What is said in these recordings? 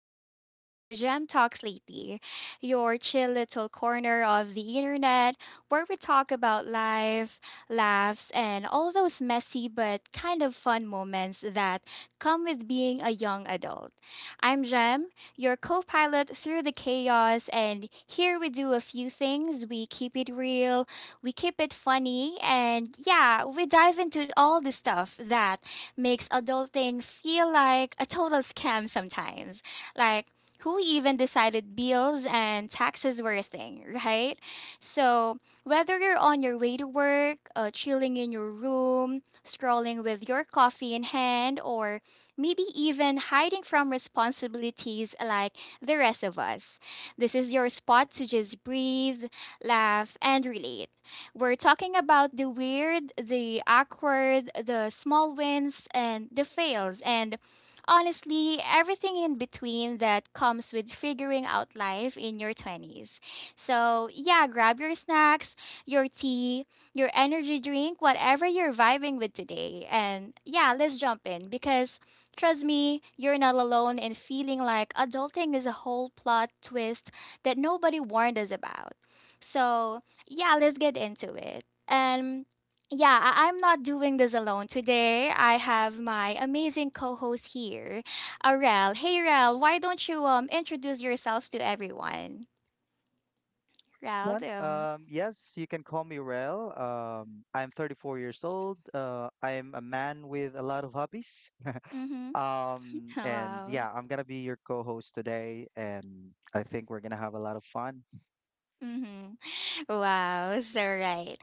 Welcome back to Gem Talks Lately, your chill little corner of the internet where we talk about life, laughs, and all those messy but kind of fun moments that come with being a young adult. I'm Gem, your co pilot through the chaos, and here we do a few things. We keep it real, we keep it funny, and yeah, we dive into all the stuff that makes adulting feel like a total scam sometimes. Like, who even decided bills and taxes were a thing, right? So, whether you're on your way to work, chilling in your room, scrolling with your coffee in hand, or maybe even hiding from responsibilities like the rest of us, this is your spot to just breathe, laugh, and relate. We're talking about the weird, the awkward, the small wins, and the fails, and honestly, everything in between that comes with figuring out life in your 20s. So, yeah, grab your snacks, your tea, your energy drink, whatever you're vibing with today. And yeah, let's jump in because trust me, you're not alone in feeling like adulting is a whole plot twist that nobody warned us about. So, yeah, let's get into it. Yeah, I'm not doing this alone today. I have my amazing co-host here, Rel. Hey, Rel, why don't you introduce yourself to everyone? Rel, Yes, you can call me Rel. I'm 34 years old. I'm a man with a lot of hobbies. mm-hmm. Um, and Wow. yeah, I'm gonna be your co-host today, and I think we're gonna have a lot of fun. Mm-hmm. Wow, so right.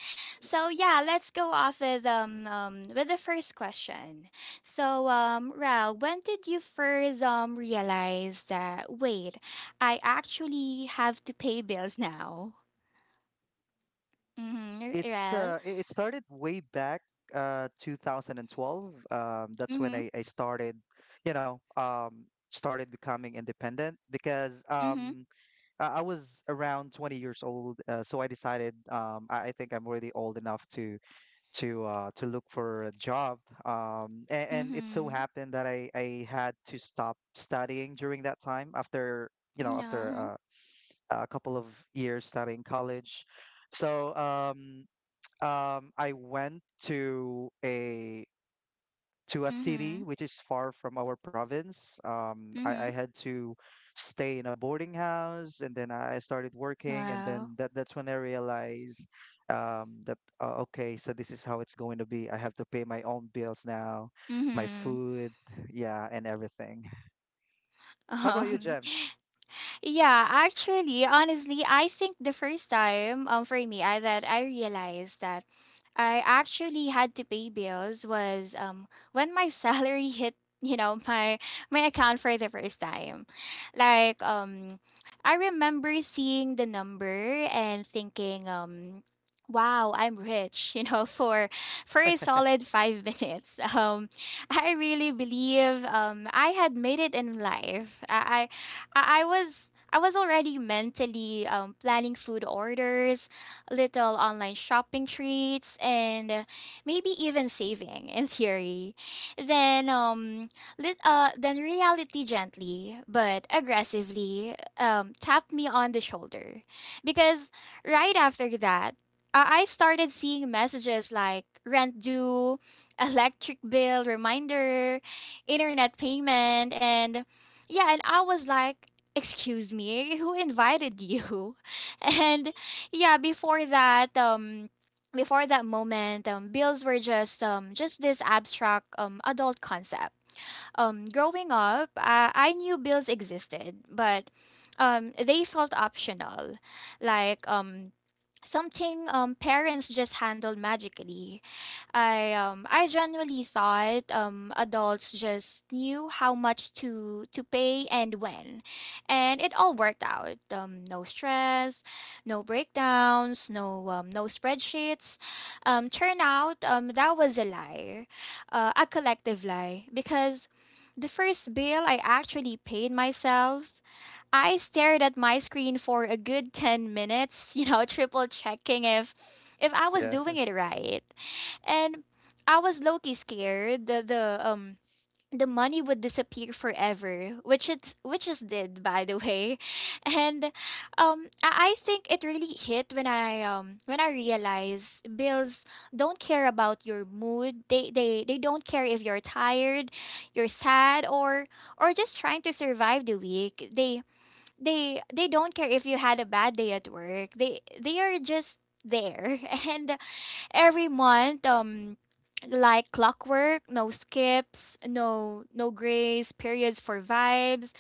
So yeah, let's go off with with the first question. So Rao, when did you first realize that wait, I actually have to pay bills now? Mhm, It's Rao. uh, it it started way back 2012. That's when Mhm. I started, you know, started becoming independent because Mhm. um. I was around 20 years old, so I decided I think I'm already old enough to to look for a job. And it so Mhm. happened that I had to stop studying during that time after you know after Yeah. A couple of years studying college. So I went to a to a city Mhm. which is far from our province. I Mhm. had to stay in a boarding house, and then I started working, and Wow. then that's when I realized that okay, so this is how it's going to be. I have to pay my own bills now, my Mhm. food, yeah, and everything. How about you, Um. Jem? Yeah, actually, honestly, I think the first time for me that I realized that I actually had to pay bills was when my salary hit, you know, my account for the first time. Like I remember seeing the number and thinking wow, I'm rich, you know, for a solid 5 minutes. I really believe I had made it in life. I I I was I was already mentally planning food orders, little online shopping treats, and maybe even saving in theory. Then, then reality gently but aggressively tapped me on the shoulder, because right after that, I started seeing messages like rent due, electric bill reminder, internet payment, and yeah, and I was like, excuse me, who invited you? And yeah, before that, before that moment, bills were just this abstract adult concept. Growing up, I knew bills existed, but they felt optional, like something parents just handled magically. I genuinely thought adults just knew how much to pay and when, and it all worked out. No stress, no breakdowns, no spreadsheets. Turn out that was a lie, a collective lie, because the first bill I actually paid myself, I stared at my screen for a good 10 minutes, you know, triple checking if I was Yeah, doing it right. And I was low-key scared the money would disappear forever, which it did, by the way. And I think it really hit when I realized bills don't care about your mood. They don't care if you're tired, you're sad, or just trying to survive the week. They don't care if you had a bad day at work. They are just there. And every month, like clockwork, no skips, no grace periods for vibes.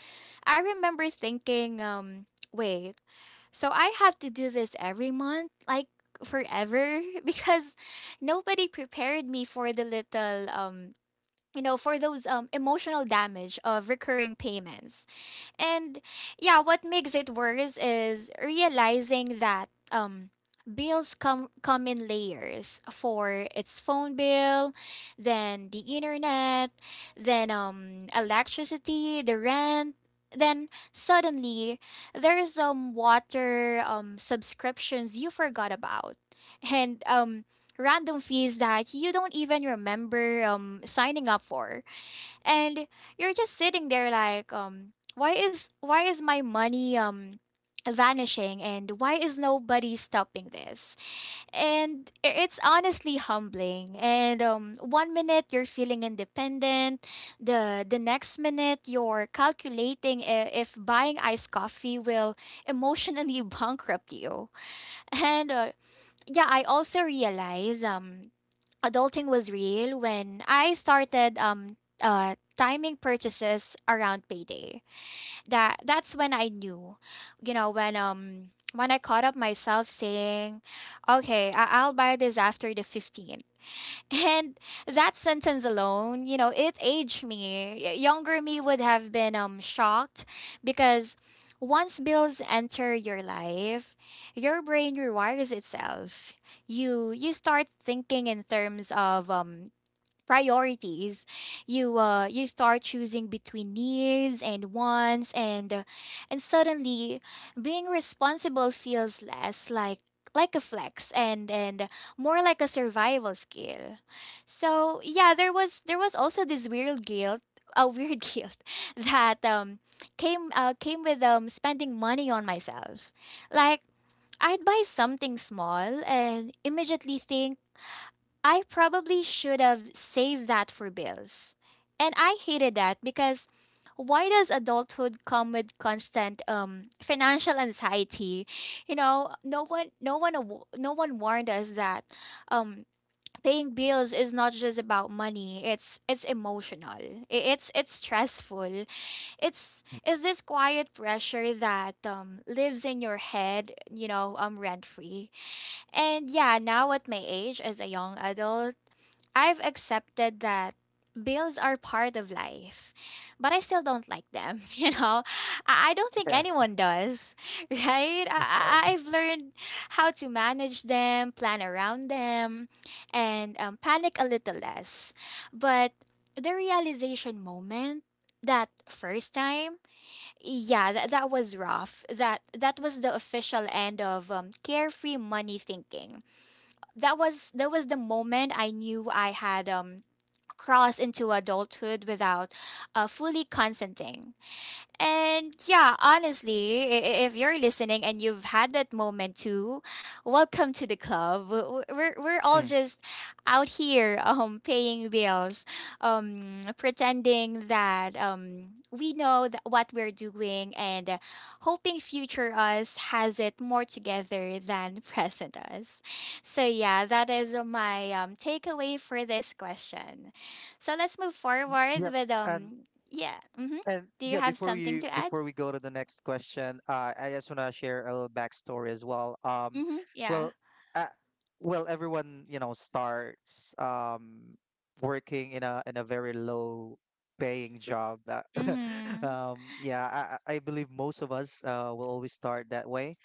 I remember thinking, wait, so I have to do this every month, like forever, because nobody prepared me for the little. You know, for those emotional damage of recurring payments. And yeah, what makes it worse is realizing that bills come in layers. For its phone bill, then the internet, then electricity, the rent, then suddenly there's water, subscriptions you forgot about. And random fees that you don't even remember signing up for, and you're just sitting there like, why is my money vanishing, and why is nobody stopping this? It's honestly humbling. And one minute you're feeling independent, the next minute you're calculating if buying iced coffee will emotionally bankrupt you. And yeah, I also realize adulting was real when I started timing purchases around payday. That's when I knew, you know, when I caught up myself saying, okay, I'll buy this after the 15th. And that sentence alone, you know, it aged me. Younger me would have been shocked, because once bills enter your life, your brain rewires itself. You start thinking in terms of priorities. You start choosing between needs and wants, and suddenly being responsible feels less like a flex, and more like a survival skill. So yeah, there was also this weird guilt, a weird guilt that came with spending money on myself. Like, I'd buy something small and immediately think, I probably should have saved that for bills. And I hated that, because why does adulthood come with constant financial anxiety? You know, no one warned us that um paying bills is not just about money. It's emotional. It's stressful. It's it's this quiet pressure that lives in your head, you know, rent free. And yeah, now at my age as a young adult, I've accepted that bills are part of life, but I still don't like them. You know, I don't think yeah, anyone does, right? of I- course. I- I've learned how to manage them, plan around them, and panic a little less. But the realization moment, that first time, yeah, that, that was rough. That was the official end of carefree money thinking. That was the moment I knew I had cross into adulthood without fully consenting. And yeah, honestly, if you're listening and you've had that moment too, welcome to the club. We're all Mm. just out here paying bills, pretending that we know that what we're doing, and hoping future us has it more together than present us. So yeah, that is my takeaway for this question. So let's move forward Yep. with And yeah. Mhm. And Do you yeah, have before something we to add? before we go to the next question, I just want to share a little backstory as well. Mhm. Yeah. well, uh, well, everyone you know starts working in a very low paying job. Mhm. Yeah, I believe most of us will always start that way.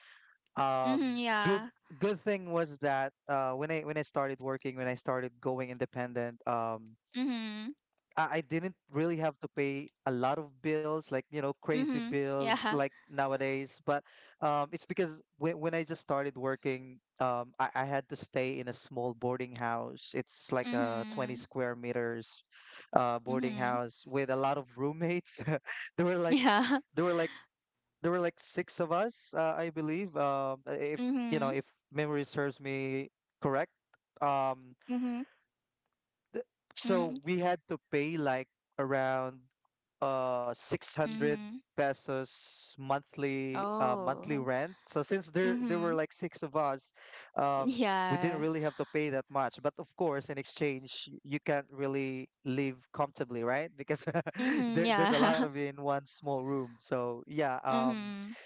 Mhm. Um, good Yeah. good thing was that when I started working, when I started going independent. Mhm. I didn't really have to pay a lot of bills, like, you know, crazy Mhm. bills Yeah. like nowadays. But it's because when I just started working, I had to stay in a small boarding house. It's like a 20 Mhm. square meters boarding Mhm. house with a lot of roommates. There were like, Yeah. there were like, there were like six of us, I believe. If, You know, Mhm. if memory serves me correct. Um, Mhm. so Mhm. we had to pay like around 600 Mhm. pesos monthly monthly Oh. rent. So since there were Mhm. like six of us, um we didn't Yeah. really have to pay that much. But of course, in exchange, you can't really live comfortably, right? Because Mhm. There's a Yeah. lot of you in one small room. So yeah, Mhm.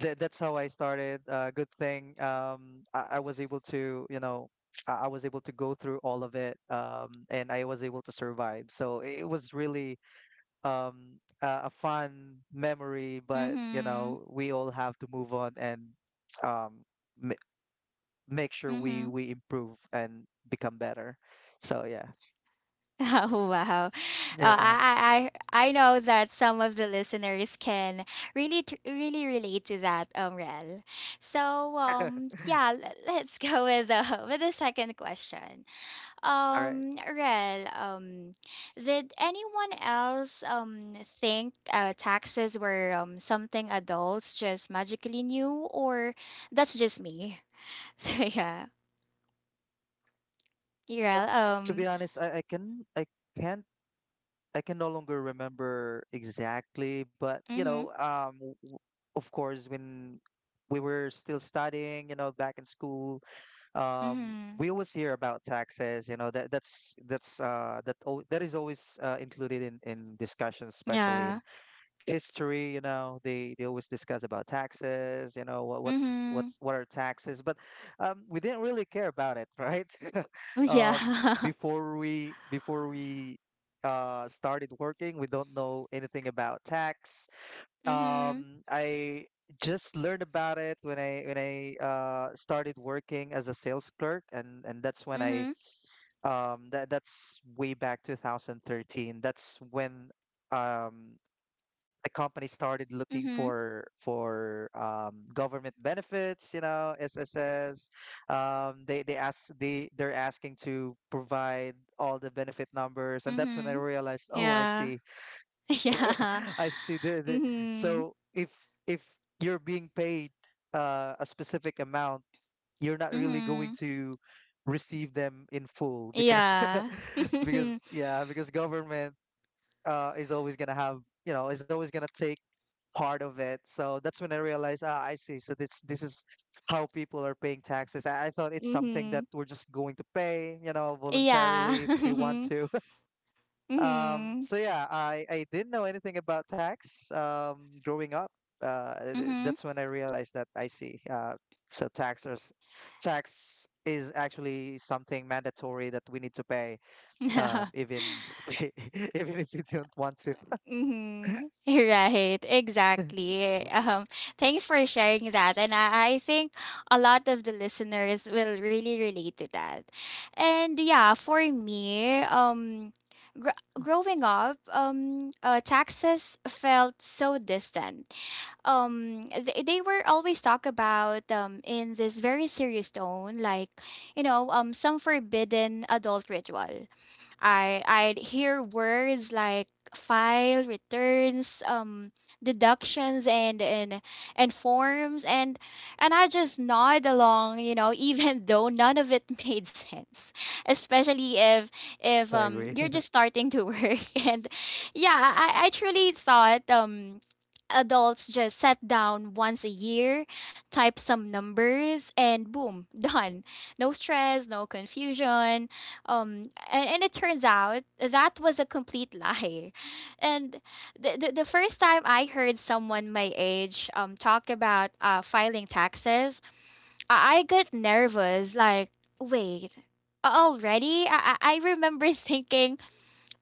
that that's how I started. I was able to, you know, I was able to go through all of it, and I was able to survive. So it was really a fun memory, but you Mhm. know, we all have to move on and um, m make sure we Mhm. we improve and become better. So yeah, Oh, wow. Yeah. I know that some of the listeners can really, really relate to that, Rel. So, yeah, let's go with the, with the second question. All right. Rel, did anyone else, think, taxes were, something adults just magically knew, or that's just me? So, yeah, Rel, To be honest, can I can no longer remember exactly, but you know, mm-hmm, of course, when we were still studying, you know, back in school, mm-hmm, we always hear about taxes. You know, that that's that al- that is always included in discussions, especially yeah, in history. You know, they always discuss about taxes. You know, what, what's mm-hmm. what's what are taxes. But we didn't really care about it, right? Oh yeah. um, before we started working, we don't know anything about tax. Mhm. I just learned about it when I started working as a sales clerk, and that's when i Mhm. um, that, that's way back 2013. That's when um, the company started looking Mhm. For government benefits, you know, SSS. They're asking to provide all the benefit numbers, and that's when I Mhm. realized, oh, I Yeah. see, Yeah. I see. The, the, Mhm. so if if you're being paid a specific amount, you're not really going Mhm. to receive them in full because Yeah. because yeah because government is always gonna have, you know, is always gonna take part of it. So that's when I realized, ah, I see. So this is how people are paying taxes. I thought it's something that Mhm. we're just going to pay, you know, Yeah. voluntarily if we want to. Mhm. So yeah, I didn't know anything about tax growing up. Mhm. That's when I realized that, I see. So tax are Tax is actually something mandatory that we need to pay, even even if we don't want to. Mm-hmm. Right, exactly. Thanks for sharing that. And I think a lot of the listeners will really relate to that. And yeah, for me, growing up, taxes felt so distant. They were always talked about in this very serious tone, like, you know, some forbidden adult ritual. I'd hear words like file, returns, deductions, and forms, and I just nod along, you know, even though none of it made sense, especially if if I um agree. you're just starting to work, and yeah, I truly thought. Adults just sat down once a year, type some numbers, and boom, done. No stress, no confusion, and it turns out that was a complete lie. And the first time I heard someone my age talk about filing taxes, I got nervous. Like, wait, already? I remember thinking,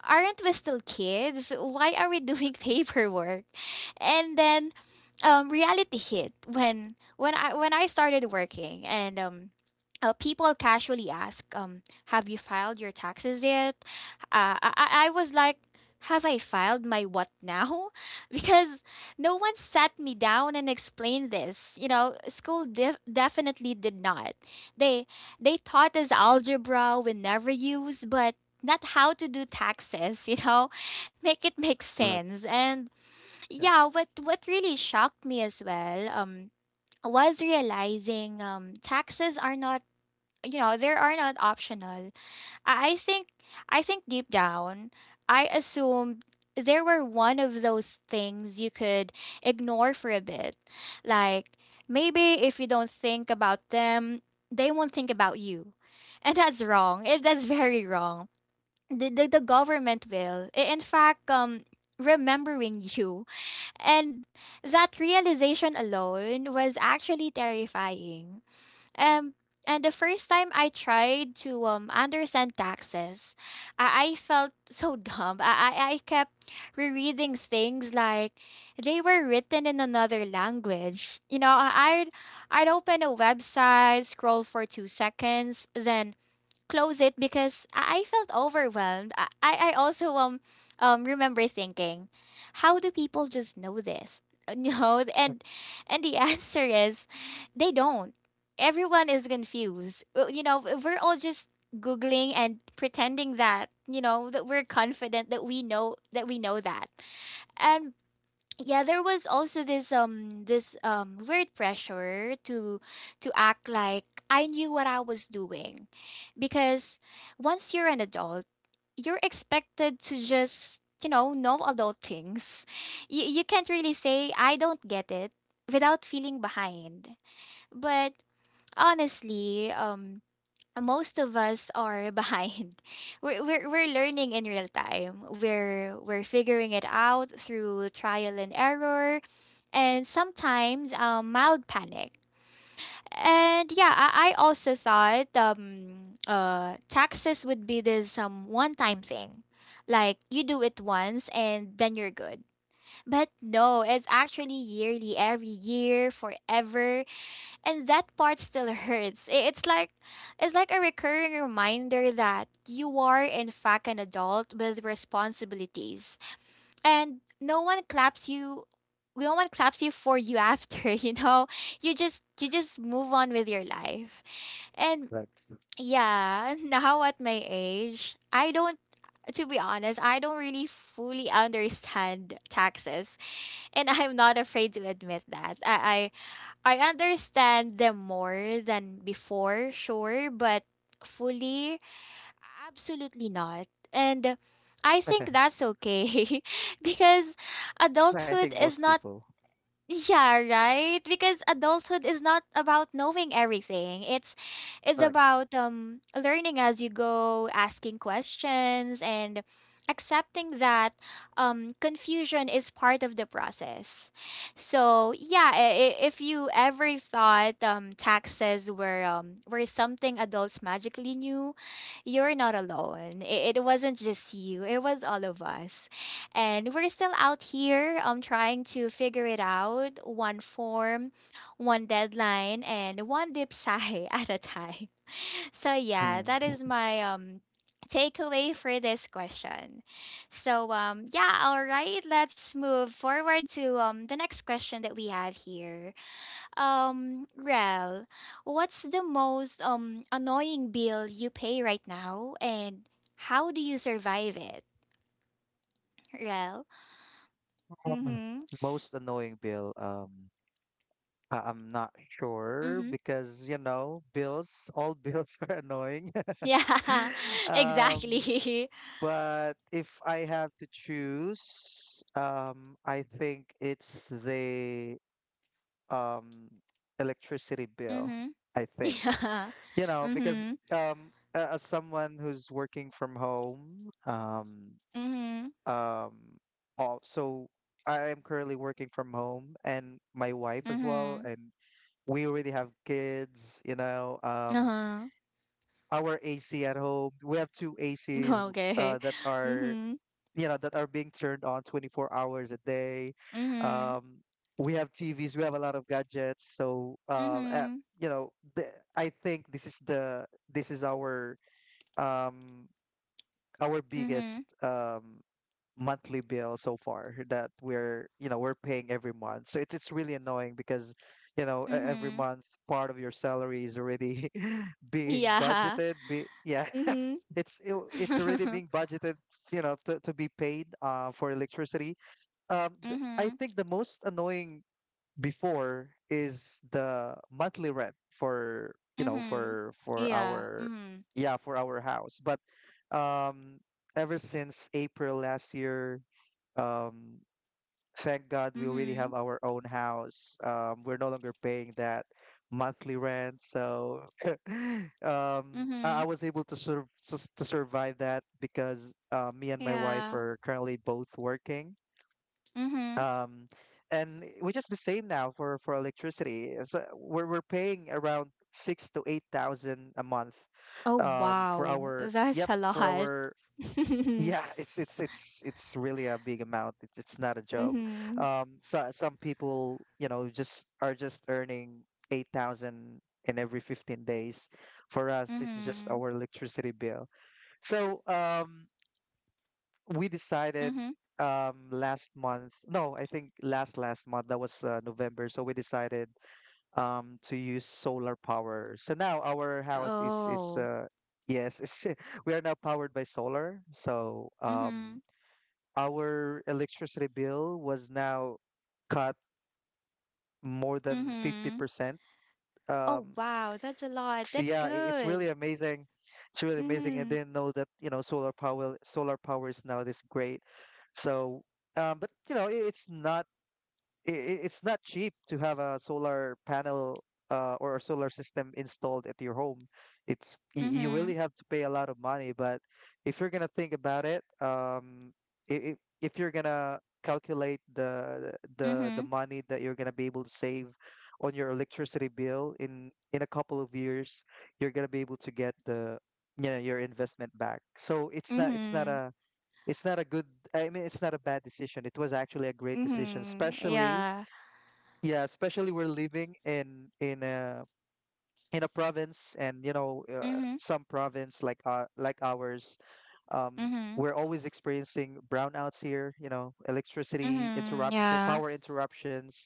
aren't we still kids? Why are we doing paperwork? And then reality hit when I started working, and people casually ask, have you filed your taxes yet? I was like, have I filed my what now? Because no one sat me down and explained this. You know, school definitely did not. They taught us algebra we never use, but not how to do taxes, you know, make it make Right. sense. And Yeah. yeah, what really shocked me as well was realizing taxes are not, you know, they are not optional. I think I think deep down I assumed they were one of those things you could ignore for a bit. Like, maybe if you don't think about them, they won't think about you. And that's wrong. That's very wrong. The government will. In fact, remembering you and that realization alone was actually terrifying. Um, and the first time I tried to understand taxes, I felt so dumb. I kept rereading things like they were written in another language. You know, I'd open a website, scroll for 2 seconds, then close it because I felt overwhelmed. I also remember thinking, how do people just know this? No, and the answer is they don't. Everyone is confused. You know, we're all just googling and pretending that, you know, that we're confident that we know that we know that. And yeah, there was also this weird pressure to act like I knew what I was doing, because once you're an adult you're expected to just, you know adult things. You can't really say I don't get it without feeling behind, but honestly, most of us are behind. We're learning in real time. We're figuring it out through trial and error, and sometimes mild panic. And yeah, I also thought taxes would be this one time thing, like you do it once and then you're good. But no, it's actually yearly, every year, forever, and that part still hurts. It's like a recurring reminder that you are in fact an adult with responsibilities. And no one claps you for you after, you know? You just move on with your life. And Right. yeah, now at my age, I don't to be honest, I don't really fully understand taxes, and I'm not afraid to admit that. I understand them more than before, sure, but fully, absolutely not. And I think that's okay because I think adulthood is most not people. yeah, right. Because adulthood is not about knowing everything. It's Correct. about learning as you go, asking questions, and accepting that confusion is part of the process. So yeah, if you ever thought taxes were something adults magically knew, you're not alone. It wasn't just you. It was all of us, and we're still out here trying to figure it out one form, one deadline, and one dip sigh at a time. So yeah, that is Mm. my takeaway for this question. So yeah, all right, let's move forward to the next question that we have here. Rel, what's the most annoying bill you pay right now, and how do you survive it, Rel? Um, Mm-hmm. Most annoying bill. I'm not sure Mm-hmm. because you know bills. All bills are annoying. Yeah, Um, exactly. but if I have to choose, I think it's the um electricity bill. Mm-hmm. I think, Yeah. you know, because Mm-hmm. As someone who's working from home, Mm-hmm. um all so I am currently working from home, and my wife as well, Mm-hmm. and we already have kids, you know. Uh-huh. Our AC at home, we have two ACs Okay. that are, Mm-hmm. you know, that are being turned on 24 hours a day. Mm-hmm. um we have TVs, we have a lot of gadgets, so Mm-hmm. you know the, I think this is the this is um our Mm-hmm. biggest monthly bill so far that we're, you know, we're paying every month. So it's really annoying because, you know, e- every Mm-hmm. month part of your salary is already being Yeah. Yeah, it's already Mm-hmm. being budgeted, you know, to be paid for electricity. I Mm-hmm. think the most annoying before is the monthly rent for you know Mm-hmm. For Yeah. our Mm-hmm. yeah for our house. But um ever since April last year, um thank God we already Mm-hmm. have our own house, we're no longer paying that monthly rent, so Mm-hmm. I was able to sort of to survive that because me and my wife Yeah. are currently both working, Mm-hmm. um and which is the same now for electricity. So we're paying around 6 to 8 thousand a month Oh um for wow. our That's yep a for lot. our yeah, it's really a big amount. It's not a joke. Mm-hmm. So some people, you know, just are just earning 8,000 in every 15 days. For us, it's just Mm-hmm. our electricity bill. So we decided Mm-hmm. Last month. No, I think last last month, that was November. So we decided to use solar power. So now our house is Oh. Yes, we are now powered by solar. So Mm-hmm. Our electricity bill was now cut more than Mhm. 50%. Oh, Um, wow, that's a lot. That's yeah, it's good. really amazing. It's really amazing. I Mhm. didn't know that, you know, solar power is now this great. So, but you know, it's not it's not cheap to have a solar panel or a solar system installed at your home. It's, you Mhm. really have to pay a lot of money. But if you're gonna think about it, if you're gonna calculate the Mhm. money that you're gonna be able to save on your electricity bill in a couple of years, you're gonna be able to get the, you know, your investment back. So it's not Mhm. It's not a bad decision. It was actually a great decision, Mhm. especially Yeah. yeah, especially we're living in a province, and you know, Mhm. some province like ours, um, Mhm. we're always experiencing brownouts here. You know, electricity Mhm. interruption, Yeah. power interruptions.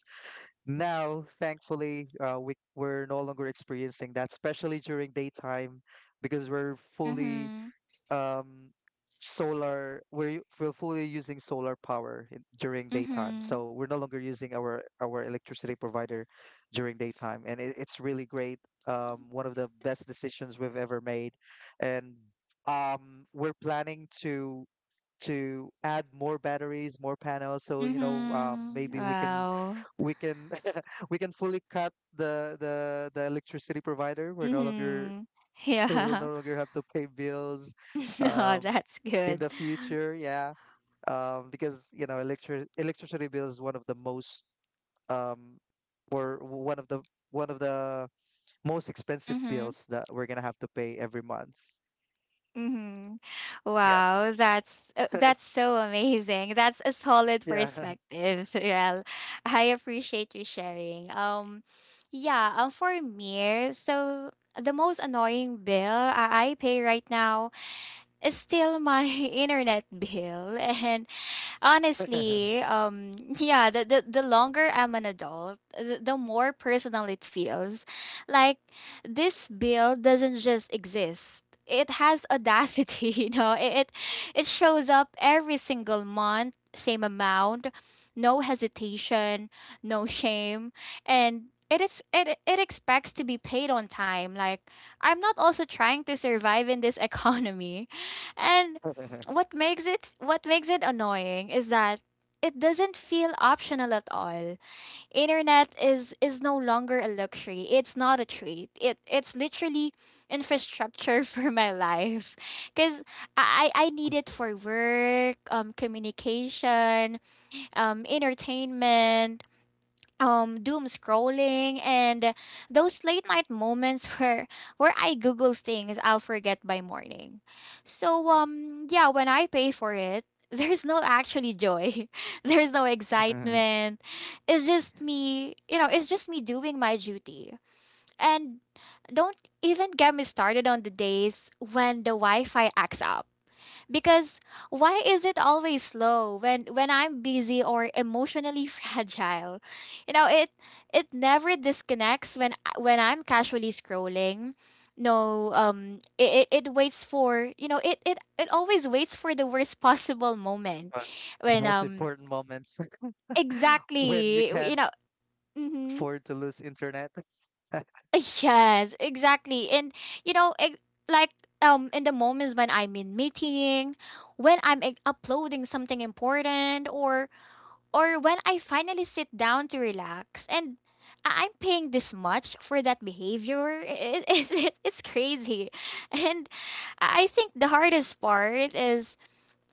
Now, thankfully, we we're no longer experiencing that, especially during daytime, because we're fully Mhm. um we're fully using solar power during daytime, Mhm. so we're no longer using our electricity provider during daytime, and it's really great. One of the best decisions we've ever made. And we're planning to add more batteries, more panels, so you know, maybe Mhm. we can Wow. we can we can fully cut the electricity provider. We're no longer Mhm. so we'll no Yeah. longer have to pay bills Oh, um, that's in good. the future. Yeah, because you know, electricity bill is one of the most um, or one of the most expensive Mhm. bills that we're gonna have to pay every month. Mhm. Yeah, Wow, that's so amazing. That's a solid yeah. perspective. Real, I appreciate you sharing. Yeah. For me, so the most annoying bill I pay right now is still my internet bill, and honestly, yeah, the longer I'm an adult, the more personal it feels. Like, this bill doesn't just exist. It has audacity. You know, It it shows up every single month, same amount, no hesitation, no shame, and it is it it expects to be paid on time. Like, I'm not also trying to survive in this economy. And what makes it annoying is that it doesn't feel optional at all. Internet is no longer a luxury. It's not a treat. It's literally infrastructure for my life. Cause I need it for work, communication, entertainment, doom scrolling, and those late night moments where I google things I'll forget by morning. So yeah, when I pay for it, there's no actually joy. There's no But excitement. It's just me, you know, it's just me doing my duty. And don't even get me started on the days when the Wi-Fi acts up. Because why is it always slow when I'm busy or emotionally fragile? You know, it never disconnects when when I'm casually scrolling. No, it waits for, you know, it always waits for the worst possible moment the when most important moments. When you exactly, you can't know, mhm. afford to lose internet. Yes, exactly. And you know, like in the moments when I'm in meeting, when I'm like uploading something important, or when I finally sit down to relax and I'm paying this much for that behavior. It's crazy. And I think the hardest part is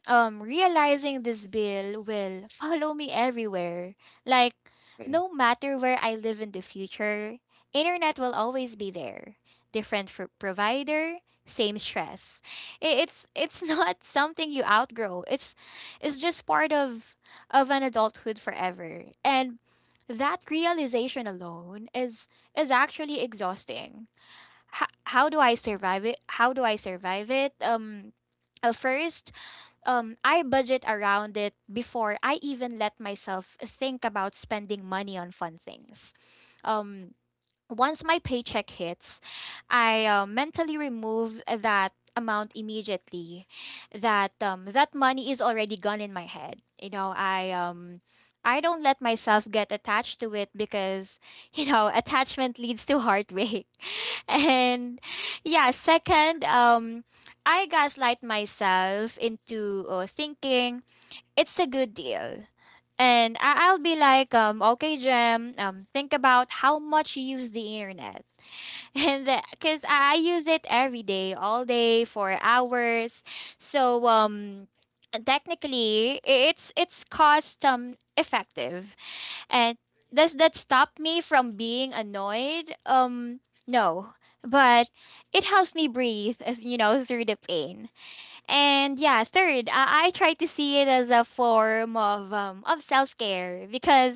realizing this bill will follow me everywhere. Like, Okay, no matter where I live in the future, internet will always be there. Different for provider, same stress. It's not something you outgrow. It's just part of an adulthood forever. And that realization alone is actually exhausting. How do I survive it? First, I budget around it before I even let myself think about spending money on fun things. Um Once my paycheck hits, I mentally remove that amount immediately. That money is already gone in my head. You know, I don't let myself get attached to it because, you know, attachment leads to heartbreak. And yeah, second, I gaslight myself into thinking it's a good deal. And I'll be like, okay, Jem, think about how much you use the internet. And because I use it every day, all day, for hours. So technically, it's cost effective. And does that stop me from being annoyed? No. But it helps me breathe, as you know, through the pain. And yeah, third, I try to see it as a form of self care, because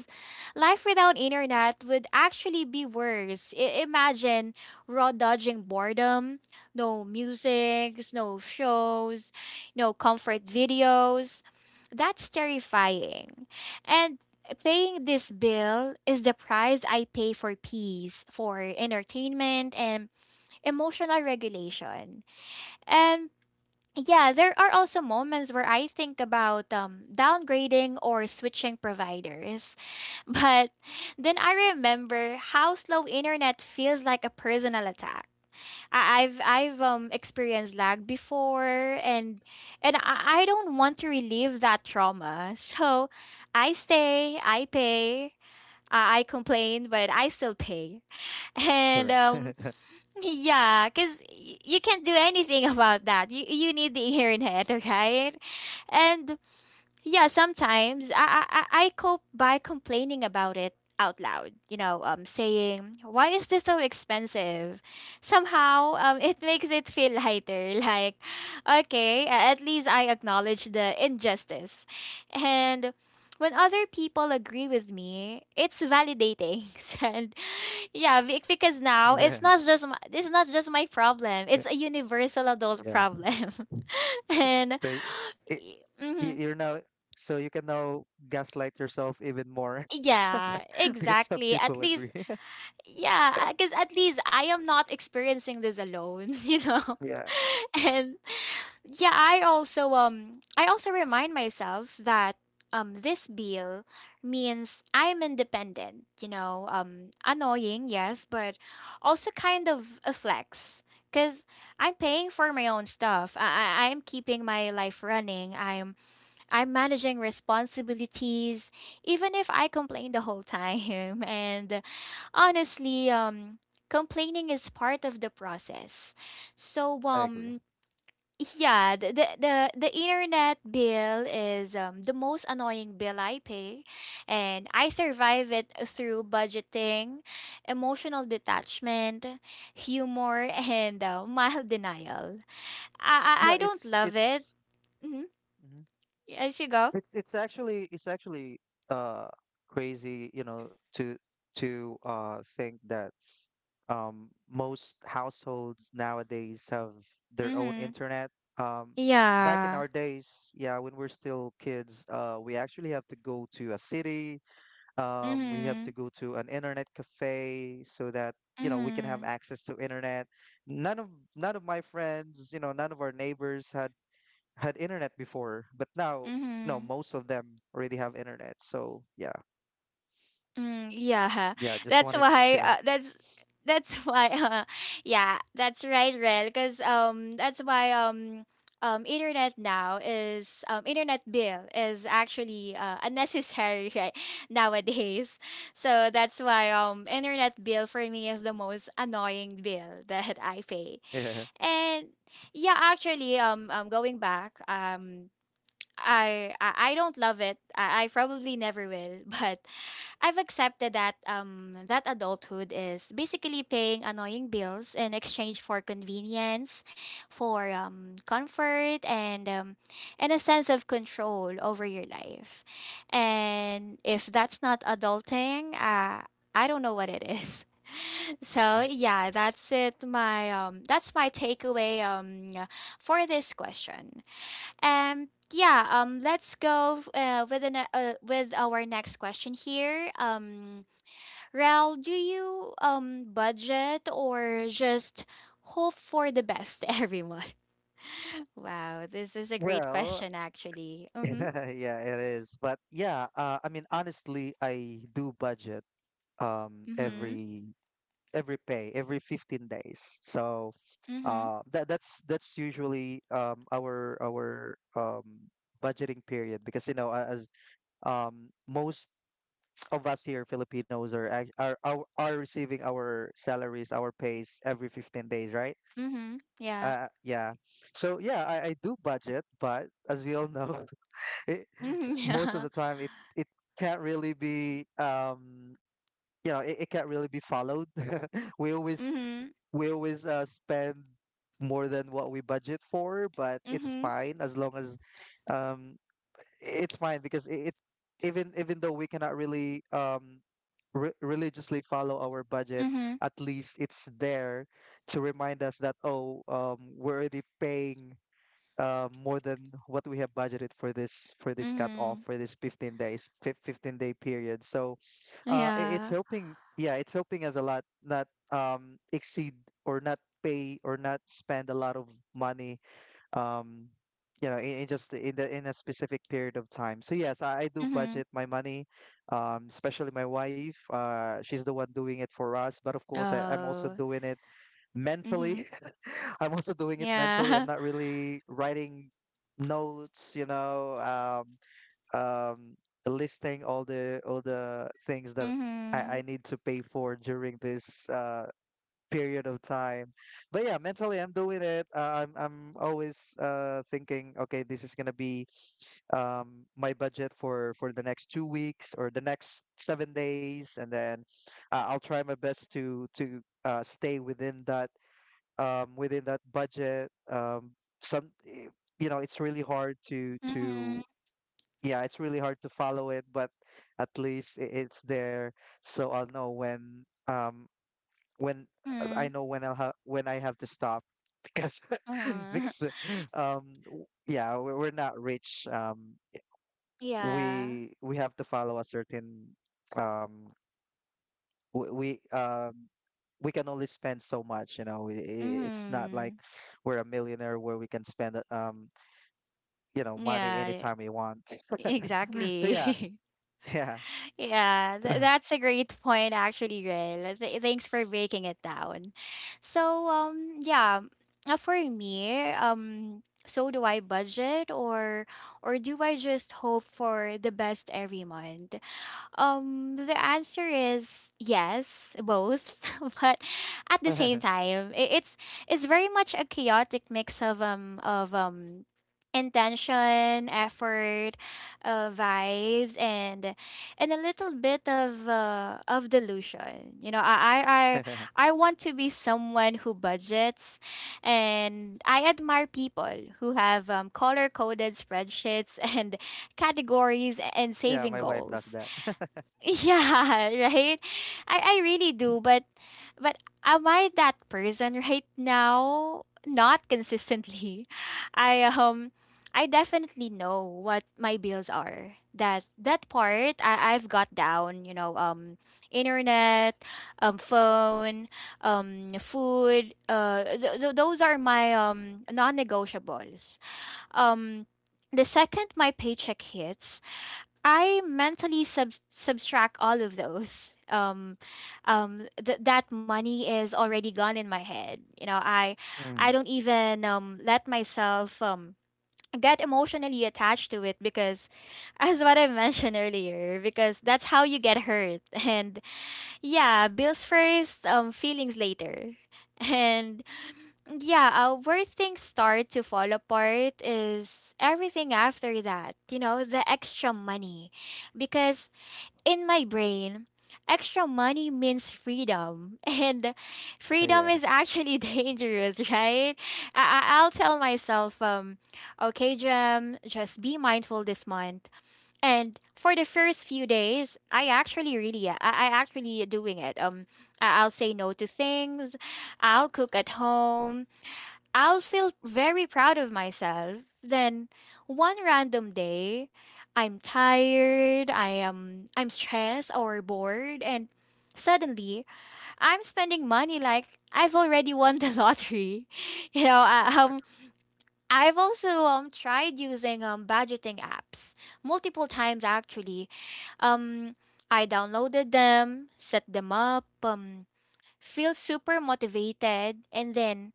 life without internet would actually be worse. Imagine raw dodging boredom, no music, no shows, no comfort videos. That's terrifying. And paying this bill is the price I pay for peace, for entertainment, and emotional regulation. And yeah, there are also moments where I think about downgrading or switching providers. But then I remember how slow internet feels like a personal attack. I've experienced lag before, and I don't want to relieve that trauma. So I stay, I pay, I complain, but I still pay. And correct. Yeah, because you can't do anything about that. You need the internet, right? And yeah, sometimes I cope by complaining about it out loud. You know, saying, why is this so expensive? Somehow, it makes it feel lighter. Like, okay, at least I acknowledge the injustice, and. When other people agree with me, it's validating. And. Yeah, because now Yeah, it's not just my, it's not just my problem. It's a universal adult yeah. problem. And So it, mm-hmm, you're now, so you can now gaslight yourself even more yeah, because some exactly. people At least, agree. yeah, because at least I am not experiencing this alone. You know. Yeah, And yeah, I also I also remind myself that this bill means I'm independent, you know. Annoying, yes, but also kind of a flex, because I'm paying for my own stuff. Am keeping my life running. I'm managing responsibilities even if I complain the whole time. And honestly, complaining is part of the process. So I agree. Yeah, the internet bill is the most annoying bill I pay, and I survive it through budgeting, emotional detachment, humor, and mild denial. Yeah, I don't love it. Mm-hmm. mhm. As you go. It's actually uh crazy, you know, to think that most households nowadays have their own Mm-hmm. internet. Um, Back in Yeah. our days, yeah, when we're still kids, we actually have to go to a city, we have to Mm-hmm. go to an internet cafe so that you know we can have Mm-hmm. access to internet. none of None of my friends, you know, none of our neighbors had internet before, but now no, Mm-hmm. most of them already have internet. So yeah, Mm, yeah, yeah, just that's wanted to why. share. That's why. Yeah, that's right, Rel. Because that's why internet now is, internet bill is actually unnecessary right nowadays. So that's why, internet bill for me is the most annoying bill that I pay. yeah And yeah, actually, going back. I don't love it. I probably never will, but I've accepted that adulthood is basically paying annoying bills in exchange for convenience, for comfort and and a sense of control over your life. And if that's not adulting, I don't know what it is. So yeah, that's it. My that's my takeaway for this question. Yeah, let's go with with our next question here. Rel, do you budget or just hope for the best, every month? Wow, this is a great well, question, actually. Mm-hmm. yeah, it is. But yeah, I mean, honestly, I do budget, um Mm-hmm. every every pay, every 15 days. So Mm-hmm. That's usually our budgeting period, because you know, as most of us here Filipinos are act- are receiving our salaries, our pays every 15 days, right? Mm-hmm. Yeah. uh yeah so yeah, I do budget, but as we all know, it, Mm-hmm. most of Yeah. the time it can't really be, you know, it can't really be followed. we always we always spend more than what we budget for, but it's fine. As long as um it's fine because it, even even though we cannot really religiously follow our budget, Mm-hmm. Mm-hmm. at least it's there to remind us that, oh, we're already paying more than what we have budgeted for this, for this cut off, Mm-hmm. for this 15 days, 15-day period. So Mm-hmm. It's Yeah. helping, yeah, it's helping us a lot not exceed or not pay or not spend a lot of money, um you know, in just in the in a specific period of time. So yes, I do Mm-hmm. budget my money, especially my wife, she's the one doing it for us, but of course, I'm also Oh. doing it Mm-hmm. mentally. I'm also doing it mentally. I'm Yeah. not really writing notes, you know, um, listing all the things that I Mm-hmm. need to pay for during this, period of time. But yeah, mentally I'm doing it. I'm always thinking, okay, this is gonna be, my budget for the next 2 weeks or the next 7 days, and then I'll try my best to stay within that, within that budget. Some eh, you know, it's really hard to Mm-hmm. to yeah, it's really hard to follow it, but at least it's there, so I'll know when when I Mm-hmm. know when I'll ha when I have to stop because Uh-huh. because yeah, we're not rich. Yeah. We have to follow a certain, um we, we um. We can only spend so much, you know. It's not like Mm-hmm. we're a millionaire where we can spend, you know, money Yeah, anytime we want. So yeah, exactly. yeah. Yeah, that's a great point actually, Rel. Thanks for breaking it down. So, yeah, for me, um, so do I budget or do I just hope for the best every month? The answer is yes, both, but at the same time, it's very much a chaotic mix of of intention, effort, vibes, and a little bit of delusion. You know, I want to be someone who budgets, and I admire people who have color coded spreadsheets and categories and Yeah, saving my wife does goals. that. Yeah, right? I really do, but am I that person right now? Not consistently. I um I definitely know what my bills are. That part I've got down, you know, um, internet, phone, food, those are my non-negotiables. Um, the second my paycheck hits, I mentally subtract all of those. That money is already gone in my head. You know, I Mm. don't even let myself get emotionally attached to it because, as what I mentioned earlier, because that's how you get hurt. And yeah, bills first, feelings later. And yeah, where things start to fall apart is everything after that, you know, the extra money. Because in my brain, extra money means freedom, and freedom Yeah. is actually dangerous, right? I'll tell myself, okay, Jem, just be mindful this month. And for the first few days, I actually doing it. I'll say no to things. I'll cook at home. I'll feel very proud of myself. Then one random day, I'm tired, I'm stressed or bored and suddenly I'm spending money like I've already won the lottery. You know, um, I've also tried using budgeting apps multiple times actually. Um, I downloaded them, set them up, um, feel super motivated and then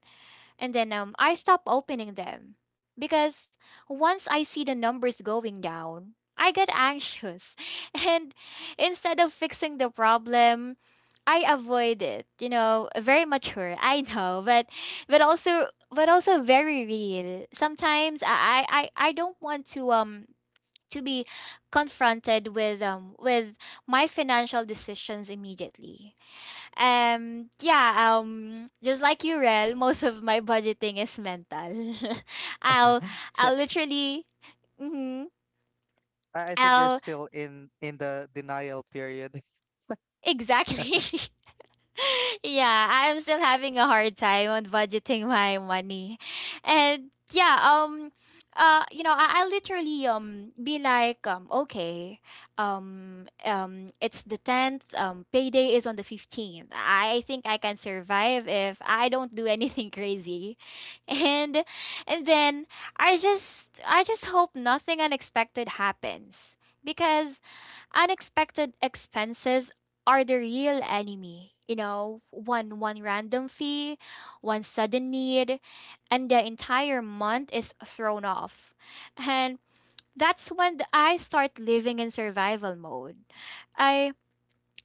I stop opening them because once I see the numbers going down, I get anxious. And instead of fixing the problem, I avoid it. You know, very mature, I know, but but also very real. Sometimes I don't want to be confronted with my financial decisions immediately. Um, yeah, just like you, Rel, most of my budgeting is mental. I'll, So I'll literally, mm-hmm, I think you're I'll, still in the denial period. exactly. Yeah, I'm still having a hard time on budgeting my money. And yeah, um, uh, you know, I literally be like okay, it's the 10th, um, payday is on the 15th. I think I can survive if I don't do anything crazy. And then I just hope nothing unexpected happens because unexpected expenses are the real enemy. You know, one random fee, one sudden need, and the entire month is thrown off. And that's when I start living in survival mode. I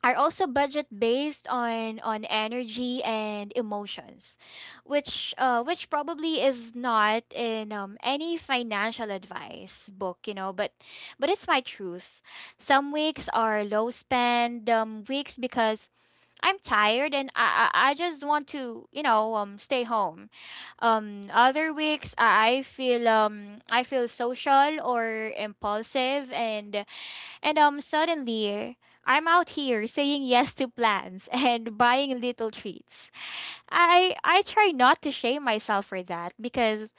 are also budget based on energy and emotions, which probably is not in any financial advice book, you know, but it's my truth. Some weeks are low spend weeks because I'm tired and I just want to, you know, stay home. Um, other weeks I feel social or impulsive and suddenly, I'm out here saying yes to plans and buying little treats. I try not to shame myself for that because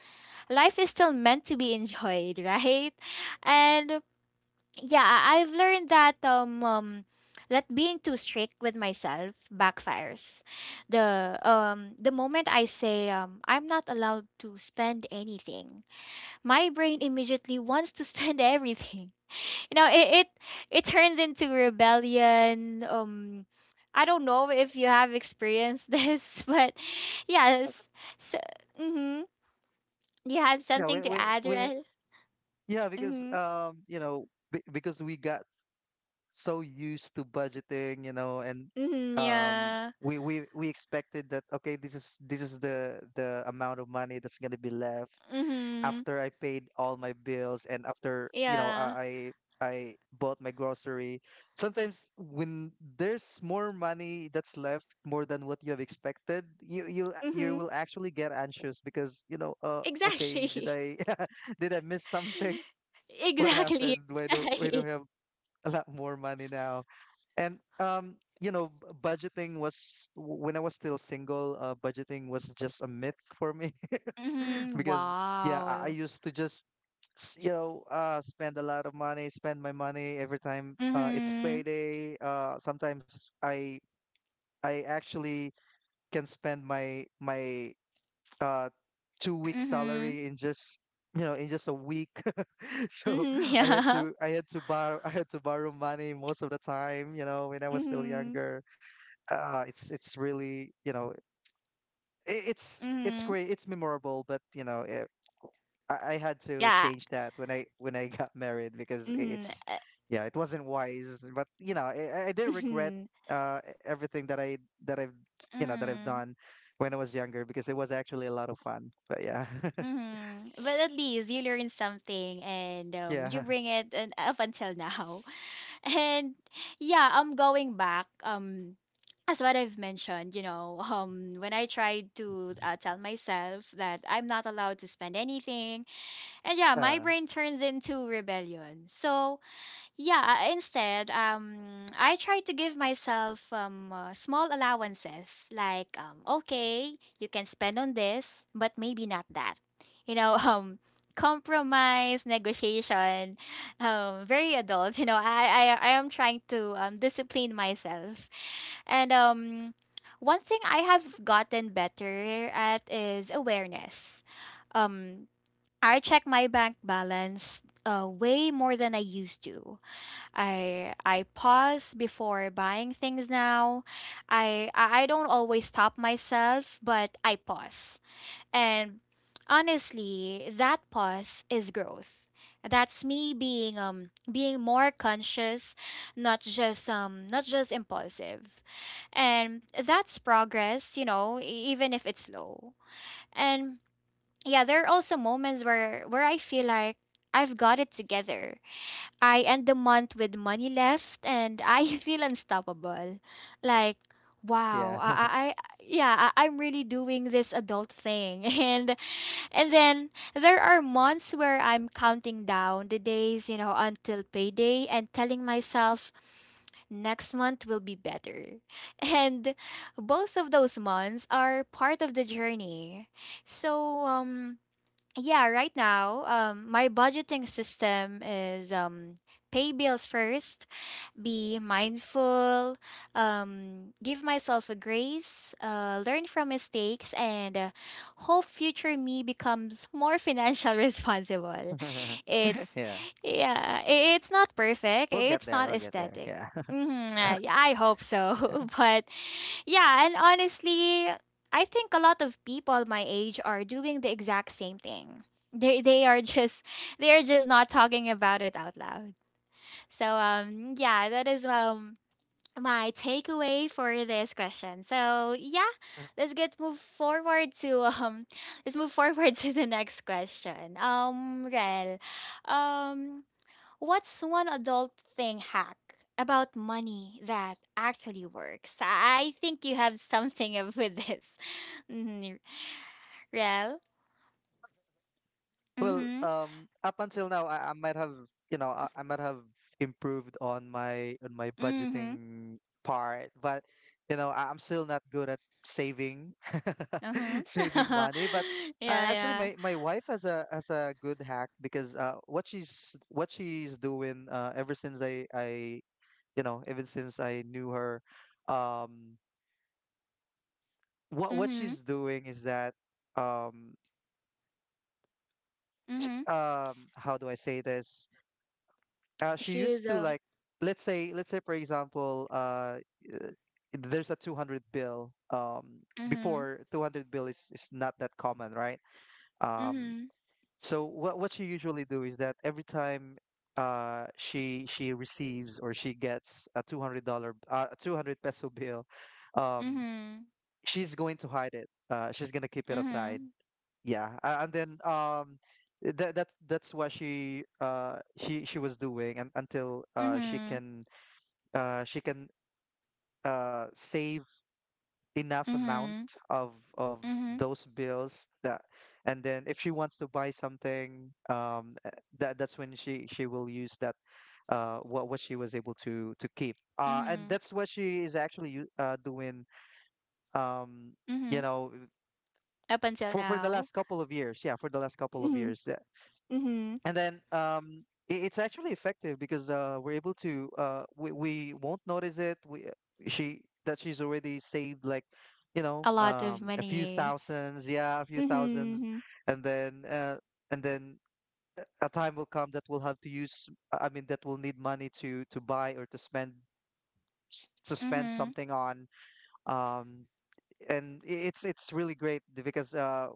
life is still meant to be enjoyed, right? And yeah, I've learned that um, that being too strict with myself backfires. The moment I say I'm not allowed to spend anything, my brain immediately wants to spend everything, you know, it turns into rebellion. Um, I don't know if you have experienced this, but yes. So, mm-hmm. You have Yeah, something to add, we right? yeah, because Mm-hmm. You know, because we got so used to budgeting, you know, and Mm-hmm, um yeah. we we we expected that, okay, this is, this is the amount of money that's going to be left Mm-hmm. after I paid all my bills, and after, you know, Yeah. I bought my grocery. Sometimes when there's more money that's left, more than what you have expected, you Mm-hmm. will actually get anxious because, you know, okay, did Exactly. I did I miss something? What Exactly. happened? Why do Right. I have a lot more money now? And you know, budgeting was, when I was still single, budgeting was just a myth for me Mm-hmm. because yeah, I Wow. used to just you know, spend a lot of money, spend my money every time it's Mm-hmm. payday. Sometimes I actually can spend my uh, 2 week Mm-hmm. salary in just, you know, in just a week. So Mm-hmm. Yeah. I had to borrow, I had to borrow money most of the time. You know, when I was still Mm-hmm. younger, it's really, you know, I it's Mm-hmm. great, it's memorable, but you know, I had to Yeah. change that when I, when I got married because Mm-hmm. it's, yeah, it wasn't wise, but you know, I didn't regret, Mhm. Everything that I, that I've, you know, that I've Mm, done when I was younger, because it was actually a lot of fun. But yeah, mm. But at least you learn something and you yeah. bring it and up until now. And yeah, I'm going back. As what I've mentioned, you know, when I tried to tell myself that I'm not allowed to spend anything, and yeah, my uh brain turns into rebellion. So yeah, instead, I try to give myself small allowances like, okay, you can spend on this, but maybe not that. You know, compromise, negotiation, very adult. You know, I am trying to discipline myself. And one thing I have gotten better at is awareness. Um, I check my bank balance way more than I used to. I pause before buying things now. I don't always stop myself, but I pause. And honestly, that pause is growth. That's me being being more conscious, not just not just impulsive. And that's progress, you know, even if it's slow. And yeah, there are also moments where I feel like I've got it together. I end the month with money left and I feel unstoppable. Like, wow, yeah I yeah, I'm really doing this adult thing. And then there are months where I'm counting down the days, you know, until payday and telling myself next month will be better. And both of those months are part of the journey. So, yeah, right now, my budgeting system is pay bills first, be mindful, give myself a grace, learn from mistakes, and hope future me becomes more financial responsible. It's yeah, yeah, it's not perfect. we'll get It's there, not we'll get there, aesthetic. yeah. Mm, yeah, I hope Yeah. so. But yeah, and honestly, I think a lot of people my age are doing the exact same thing. They are just they are just not talking about it out loud. So yeah, that is my takeaway for this question. So yeah, let's get move forward to let's move forward to the next question. Um, Rel, um, what's one adult thing hack about money that actually works? I think you have something of with this. Real. Rel. Well, Mhm. Up until now, I might have, you know, I might have improved on my Mhm. budgeting part, but you know, I'm still not good at saving Huh. saving money. But Yeah, actually, yeah. my wife has a good hack because, what she's, what she's doing, ever since I you know, ever since I knew her, um, what Mhm. she's doing is that, um Mhm. How do I say this? She used She's to, a. like, let's say for example, uh, there's a 200 bill. Mhm. Before, 200 bill is not that common, right? Um, Mhm. so what she usually do is that every time she receives, or she gets, a $200, 200 peso bill, um, Mhm. she's going to hide it. She's gonna keep it aside. Mhm. Yeah, and then that, that, that's what she, she was doing. And until she Mhm. can, uh she can save enough amount Mhm. of Mhm. those bills that, and then if she wants to buy something, that, that's when she will use that, what she was able to keep. And Mhm. that's what she is actually doing, um you Mhm. know, Up until for the now. last couple of years, yeah, for the last couple of Mhm. years, Mhm. and then it's actually effective because, we're able to, we won't notice it, we, she that she's already saved, like, you know, A lot of a few money. thousands, yeah, a few thousands, Mhm. and then and then a time will come that we'll have to use, I mean, that we'll need money to buy or to spend, to spend Mhm. something on. um, and it's really great because,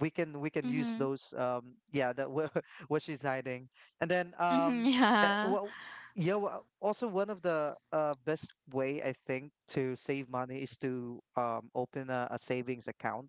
we can use Mhm. those, yeah, that what she's hiding. And then Mhm. Yeah. well, yeah, also one of the best way, I think, to save money is to, open a savings account,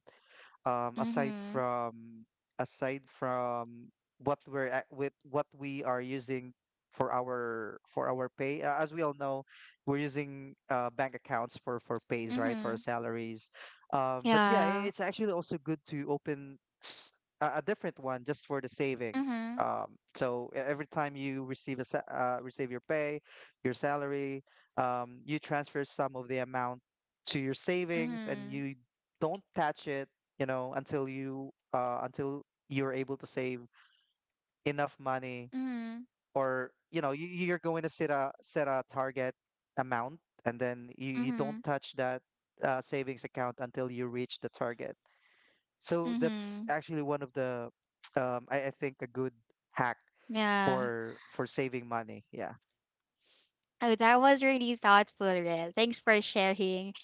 um, aside Mhm. from aside from what we're at, with what we are using for our, for our pay. As we all know, we're using, bank accounts for pays, right, for our Mhm. salaries. But yeah, Yeah. it's actually also good to open s- a different one just for the savings. Mhm. So every time you receive a receive your pay, your salary, you transfer some of the amount to your savings, and Mhm. you don't touch it, you know, until you, until you're able to save enough money. Mhm. Or, you know, you, you're going to set a, set a target amount, and then you don't Mhm. touch that, savings account until you reach the target. So that's Mhm. actually one of the, I think, a good hack Yeah. for saving money, yeah. Oh, that was really thoughtful, Rel. Thanks for sharing.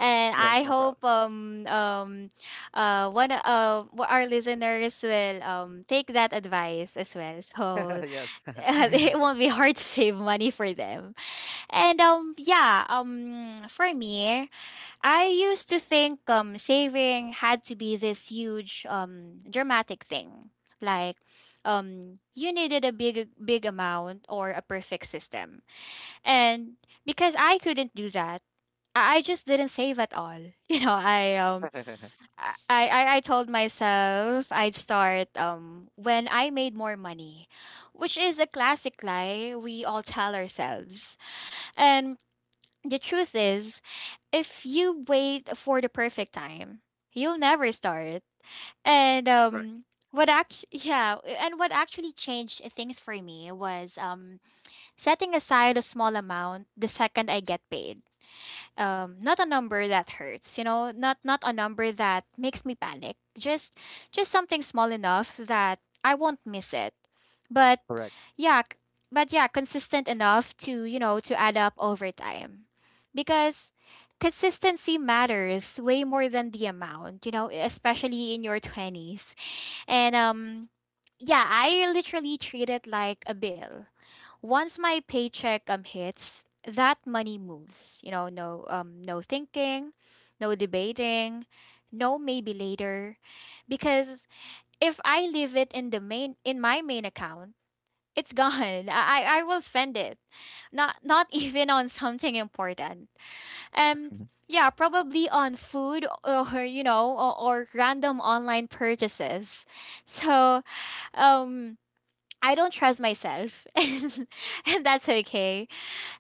And Yes, I no hope one our listeners will take that advice as well. So problem. Yes. it won't be hard to save money for them. And yeah, um, for me, I used to think saving had to be this huge dramatic thing. Like you needed a big big amount or a perfect system and because I couldn't do that, I just didn't save at all. You know, I I told myself I'd start when I made more money, which is a classic lie we all tell ourselves. And the truth is, if you wait for the perfect time, you'll never start. And Correct. What act yeah, and what actually changed things for me was setting aside a small amount the second I get paid, um, not a number that hurts, you know, not a number that makes me panic, just something small enough that I won't miss it, but Correct. yeah but yeah consistent enough to, you know, to add up over time, because consistency matters way more than the amount, you know, especially in your 20s. And yeah, I literally treat it like a bill. Once my paycheck hits, that money moves. You know, no no thinking, no debating, no maybe later. Because if I leave it in the main in my main account, it's gone. I I will spend it. Not even on something important. Um Mhm. yeah, probably on food or you know or random online purchases. So, um I don't trust myself, and that's okay.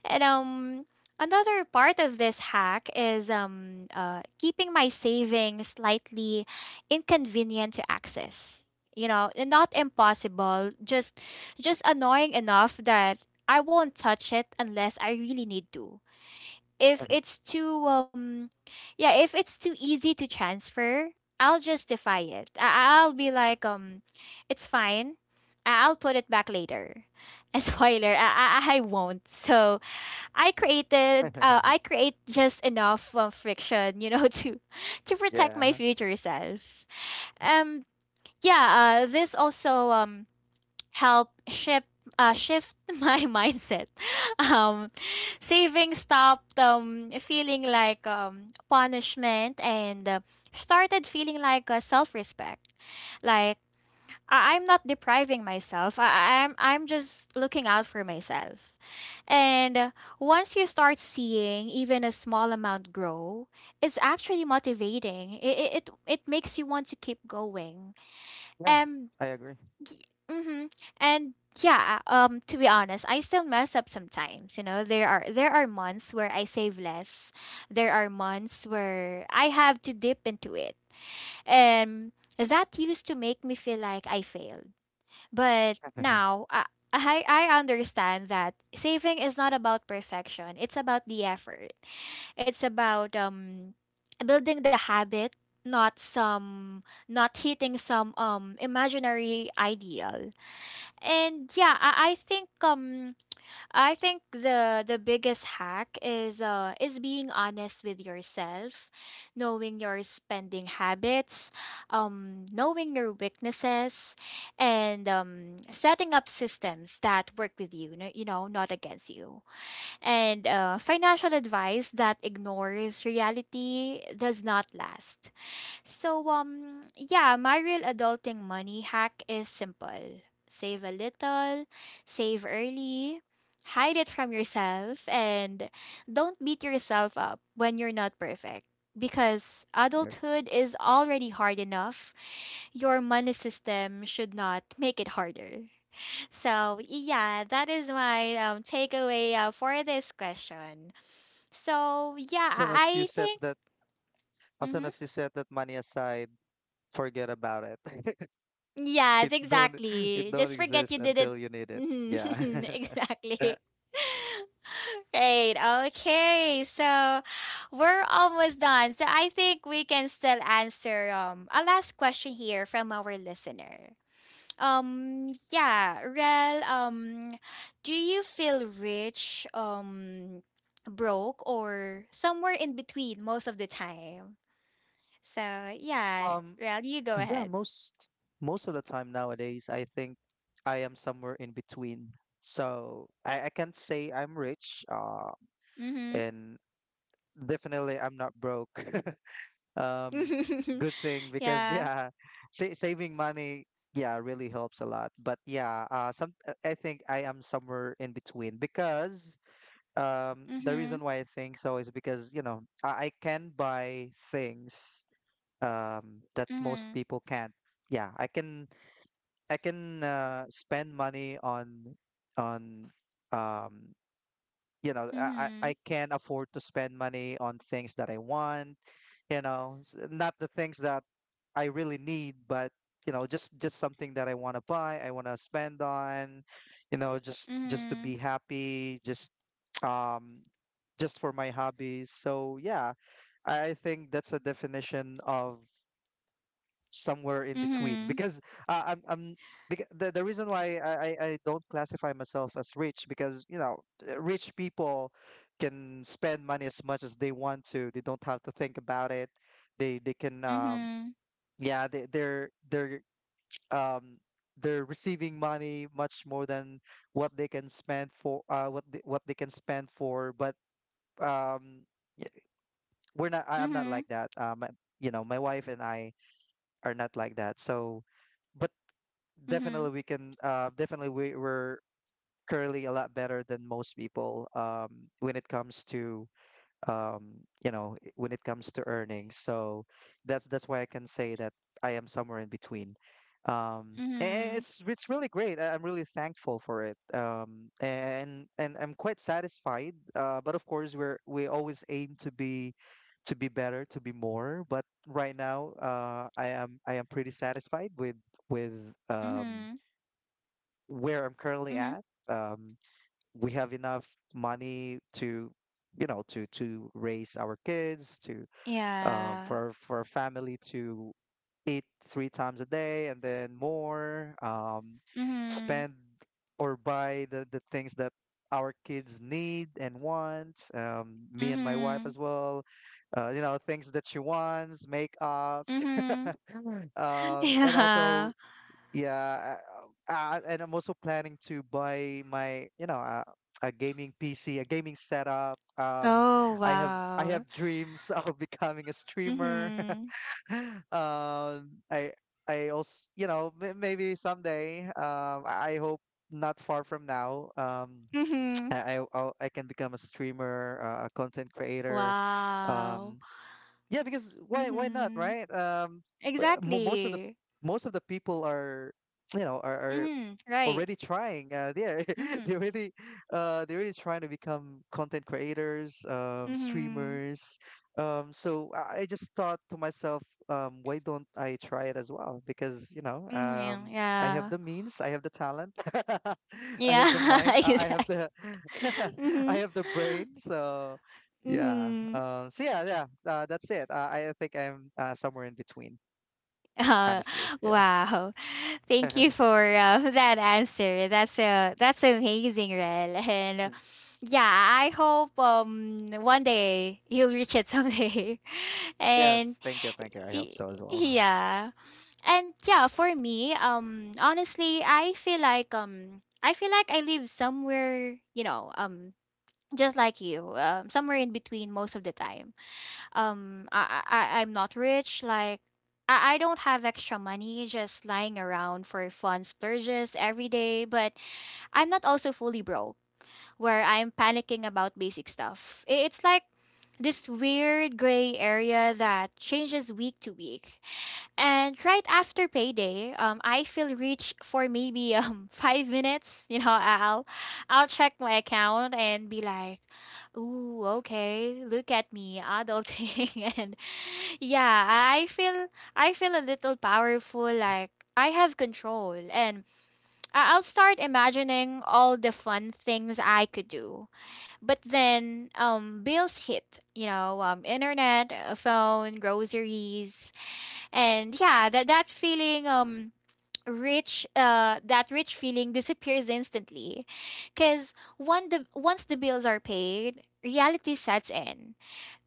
And another part of this hack is keeping my savings slightly inconvenient to access. You know, and not impossible, just annoying enough that I won't touch it unless I really need to if it's too easy to transfer. I'll justify it. I'll be like, it's fine. I'll put it back later, and spoiler, I won't. So I create just enough friction, to protect Yeah. my Uh-huh. future self. um yeah this also help shift shift my mindset. Um, Saving stopped feeling like punishment and started feeling like self respect. Like I'm not depriving myself. I'm just looking out for myself. And once you start seeing even a small amount grow, it's actually motivating. It makes you want to keep going. Yeah, And I agree. mm-hmm. And yeah, to be honest, I still mess up sometimes. You know, there are months where I save less. There are months where I have to dip into it. And that used to make me feel like I failed. But now I understand that saving is not about perfection. It's about the effort. It's about building the habit, not hitting some imaginary ideal. And yeah, I think the biggest hack is being honest with yourself, knowing your spending habits, knowing your weaknesses, and setting up systems that work with you, you know, not against you. And financial advice that ignores reality does not last. So yeah, my real adulting money hack is simple. Save a little, save early, hide it from yourself, and don't beat yourself up when you're not perfect because Correct. adulthood is already hard enough. Your money system should not make it harder. So, yeah, that is my takeaway for this question. So, yeah, As soon as you I set think that, as soon mhm. as you set that money aside, forget about it. Yes, It don't it exactly. don't Just forget exist you did it. until you need it. Mhm, Yeah. exactly. Right. Okay. So we're almost done. So I think we can still answer a last question here from our listener. Yeah, Rel, do you feel rich, broke, or somewhere in between most of the time? So yeah, Um, Rel, you go yeah, ahead. most, most of the time nowadays, I think I am somewhere in between. So I can't say I'm rich, Mm-hmm. and definitely I'm not broke. Um, Good thing because Yeah. yeah, sa saving money, yeah, really helps a lot. But yeah, some I think I am somewhere in between because the Mhm. reason why I think so is because, you know, I can buy things, that most Mhm. people can't. Yeah, I can, I can spend money on, um you know, Mhm. I can afford to spend money on things that I want, you know, not the things that I really need, but you know, just something that I want to buy, I want to spend on, you know, just to Mhm. be happy, just um just for my hobbies. So yeah, I think that's a definition of somewhere in between, because I'm because the reason why I don't classify myself as rich, because, you know, rich people can spend money as much as they want to. They don't have to think about it. They can Mhm. yeah, they're um they're receiving money much more than what they can spend for, what they can spend for. But um we're not. I'm not Mhm. like that. My wife and I are not like that. So but Mhm. definitely we can, definitely we're currently a lot better than most people, when it comes to, um, when it comes to earnings. So that's why I can say that I am somewhere in between. Um, Mhm. a- Mhm. it's it's really great. I'm really thankful for it. And I'm quite satisfied. But of course, we always aim to be, to be better, to be more. But right now, I am pretty satisfied with, with um, Mhm. where I'm currently Mhm. at. Um, we have enough money to, to raise our kids, to Yeah. For a family to eat three times a day, and then more. Mhm. Spend or buy the things that our kids need and want. Me and my wife Mhm. as well. You know, things that she wants, makeups. Mhm. And also Yeah. Yeah, I'm also planning to buy my, a gaming PC, a gaming setup. Oh, I have I wow. have dreams of becoming a streamer. Mhm. I also, you know, maybe someday. I hope not far from now. Mhm. I can become a streamer, a content creator. Wow. Um, yeah, because why not, Mhm. right? W- mo- most of the Exactly. most of the people are, you know, are Mhm. Right. already trying. Yeah, Mhm. they're really, they're really trying to become content creators, Mhm. streamers. So I just thought to myself, why don't I try it as well? Because you know, Mhm. I have Yeah. the means, I have the talent, I have the Yeah. mind, I have Exactly. the, I Mhm. have the brain. So yeah. Mm-hmm. So yeah, yeah. That's it. I think I'm, somewhere in between, Uh, honestly. Yeah. wow. Thank you for that answer. That's amazing, Rel. And yeah, I hope one day you'll reach it someday. Yes. and Thank you. Thank you. I hope y- so as well. yeah. And yeah, for me, honestly, I feel like I live somewhere, you know, just like you, somewhere in between most of the time. I am not rich. Like I don't have extra money just lying around for fun splurges every day, but I'm not also fully broke, where I'm panicking about basic stuff. It's like this weird gray area that changes week to week. And right after payday, I feel rich for maybe 5 minutes. You know, I'll check my account and be like, "Ooh, okay, look at me, adulting." And yeah, I feel a little powerful, like I have control, and I'll start imagining all the fun things I could do. But then, bills hit. You know, internet, phone, groceries. And yeah, that feeling, rich that rich feeling disappears instantly because one the once the bills are paid, reality sets in.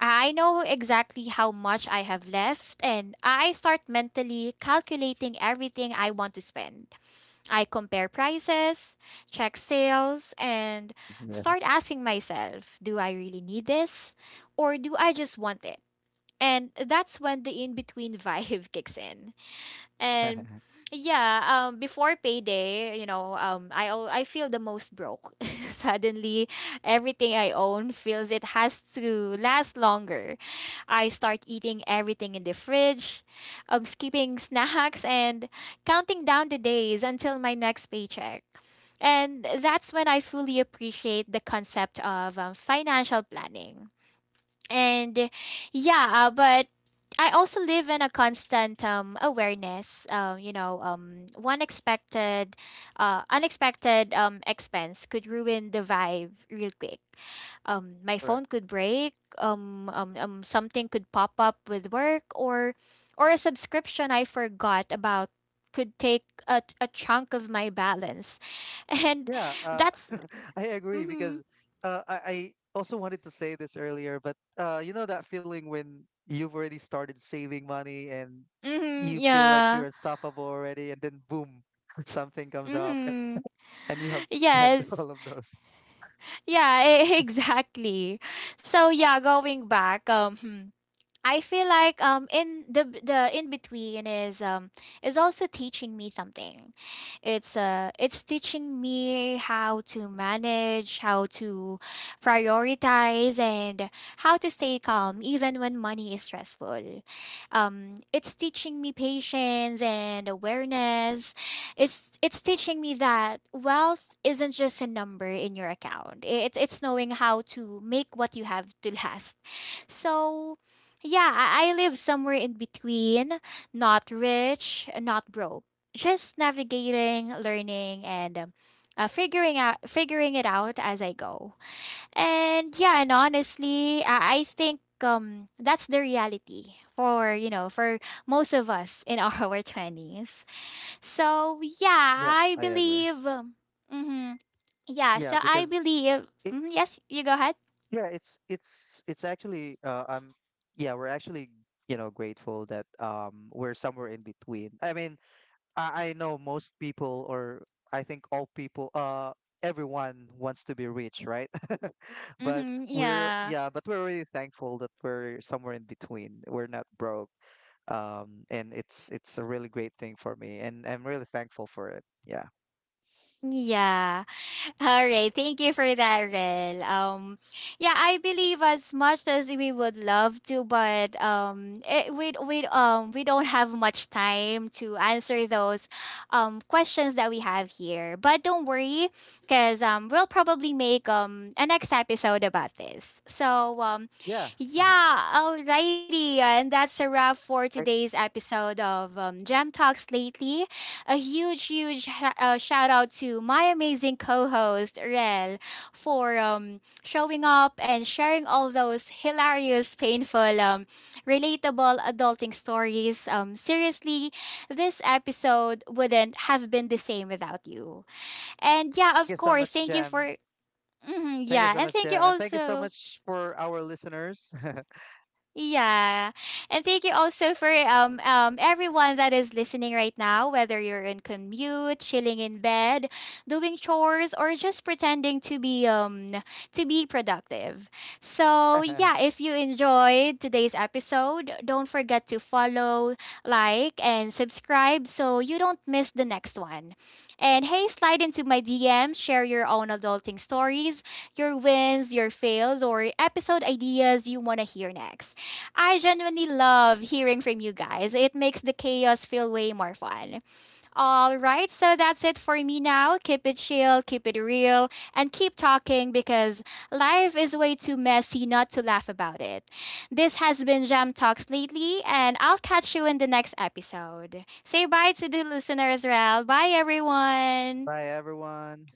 I know exactly how much I have left, and I start mentally calculating everything I want to spend. I compare prices, check sales, and Yeah. start asking myself, do I really need this, or do I just want it? And that's when the in between vibe kicks in. And yeah, before payday, you know, I feel the most broke. Suddenly, everything I own feels it has to last longer. I start eating everything in the fridge, skipping snacks, and counting down the days until my next paycheck. And that's when I fully appreciate the concept of financial planning. And yeah, but I also live in a constant awareness. You know, one expected unexpected expense could ruin the vibe real quick. My phone Correct. could break, something could pop up with work, or a subscription I forgot about could take a chunk of my balance. And Yeah, that's I agree because mm-hmm, I also wanted to say this earlier, but you know that feeling when you've already started saving money and mm-hmm, you feel like yeah. you're unstoppable already, and then boom, something comes up Mm-hmm. and you have to spend Yes. all of those. Yeah, exactly. So yeah, going back, hmm. I feel like the in between is also teaching me something. It's teaching me how to manage, how to prioritize, and how to stay calm even when money is stressful. It's teaching me patience and awareness. It's teaching me that wealth isn't just a number in your account. It's knowing how to make what you have to last. So yeah, I live somewhere in between, not rich, not broke. Just navigating, learning, and figuring it out as I go. And yeah, and honestly, I think that's the reality for most of us in our twenties. So yeah, Yeah, I I agree. believe. Mm-hmm, yeah, yeah, so I because believe. it, Mhm, yes, you go ahead. yeah, it's actually I'm yeah, we're actually, you know, grateful that we're somewhere in between. I mean, I know most people, or I think all people, everyone wants to be rich, right? But Mm-hmm, yeah, we're really thankful that we're somewhere in between. We're not broke. And it's a really great thing for me, and I'm really thankful for it. Yeah, yeah. All right. Thank you for that, Rel. Yeah, I believe as much as we would love to, but we we don't have much time to answer those questions that we have here. But don't worry, because we'll probably make a next episode about this. So yeah. yeah, alrighty, and that's a wrap for Thank today's episode of Gem Talks lately. A huge, huge shout out to my amazing co-host Rel for showing up and sharing all those hilarious, painful, relatable adulting stories. Seriously, this episode wouldn't have been the same without you. And yeah, of you so course, much, thank you Jam. for. Mhm, Thank you yeah, so and much, thank you Jam, and thank you so also. much for our listeners. Yeah. And thank you also for everyone that is listening right now, whether you're in commute, chilling in bed, doing chores, or just pretending to be productive. So Bye, yeah, if you enjoyed today's episode, don't forget to follow, like, and subscribe so you don't miss the next one. And hey, slide into my DMs, share your own adulting stories, your wins, your fails, or episode ideas you wanna hear next. I genuinely love hearing from you guys. It makes the chaos feel way more fun. All right, so that's it for me now. Keep it chill, keep it real, and keep talking because life is way too messy not to laugh about it. This has been Jam Talks lately, and I'll catch you in the next episode. Say bye to the listener as well. Bye, everyone. everyone.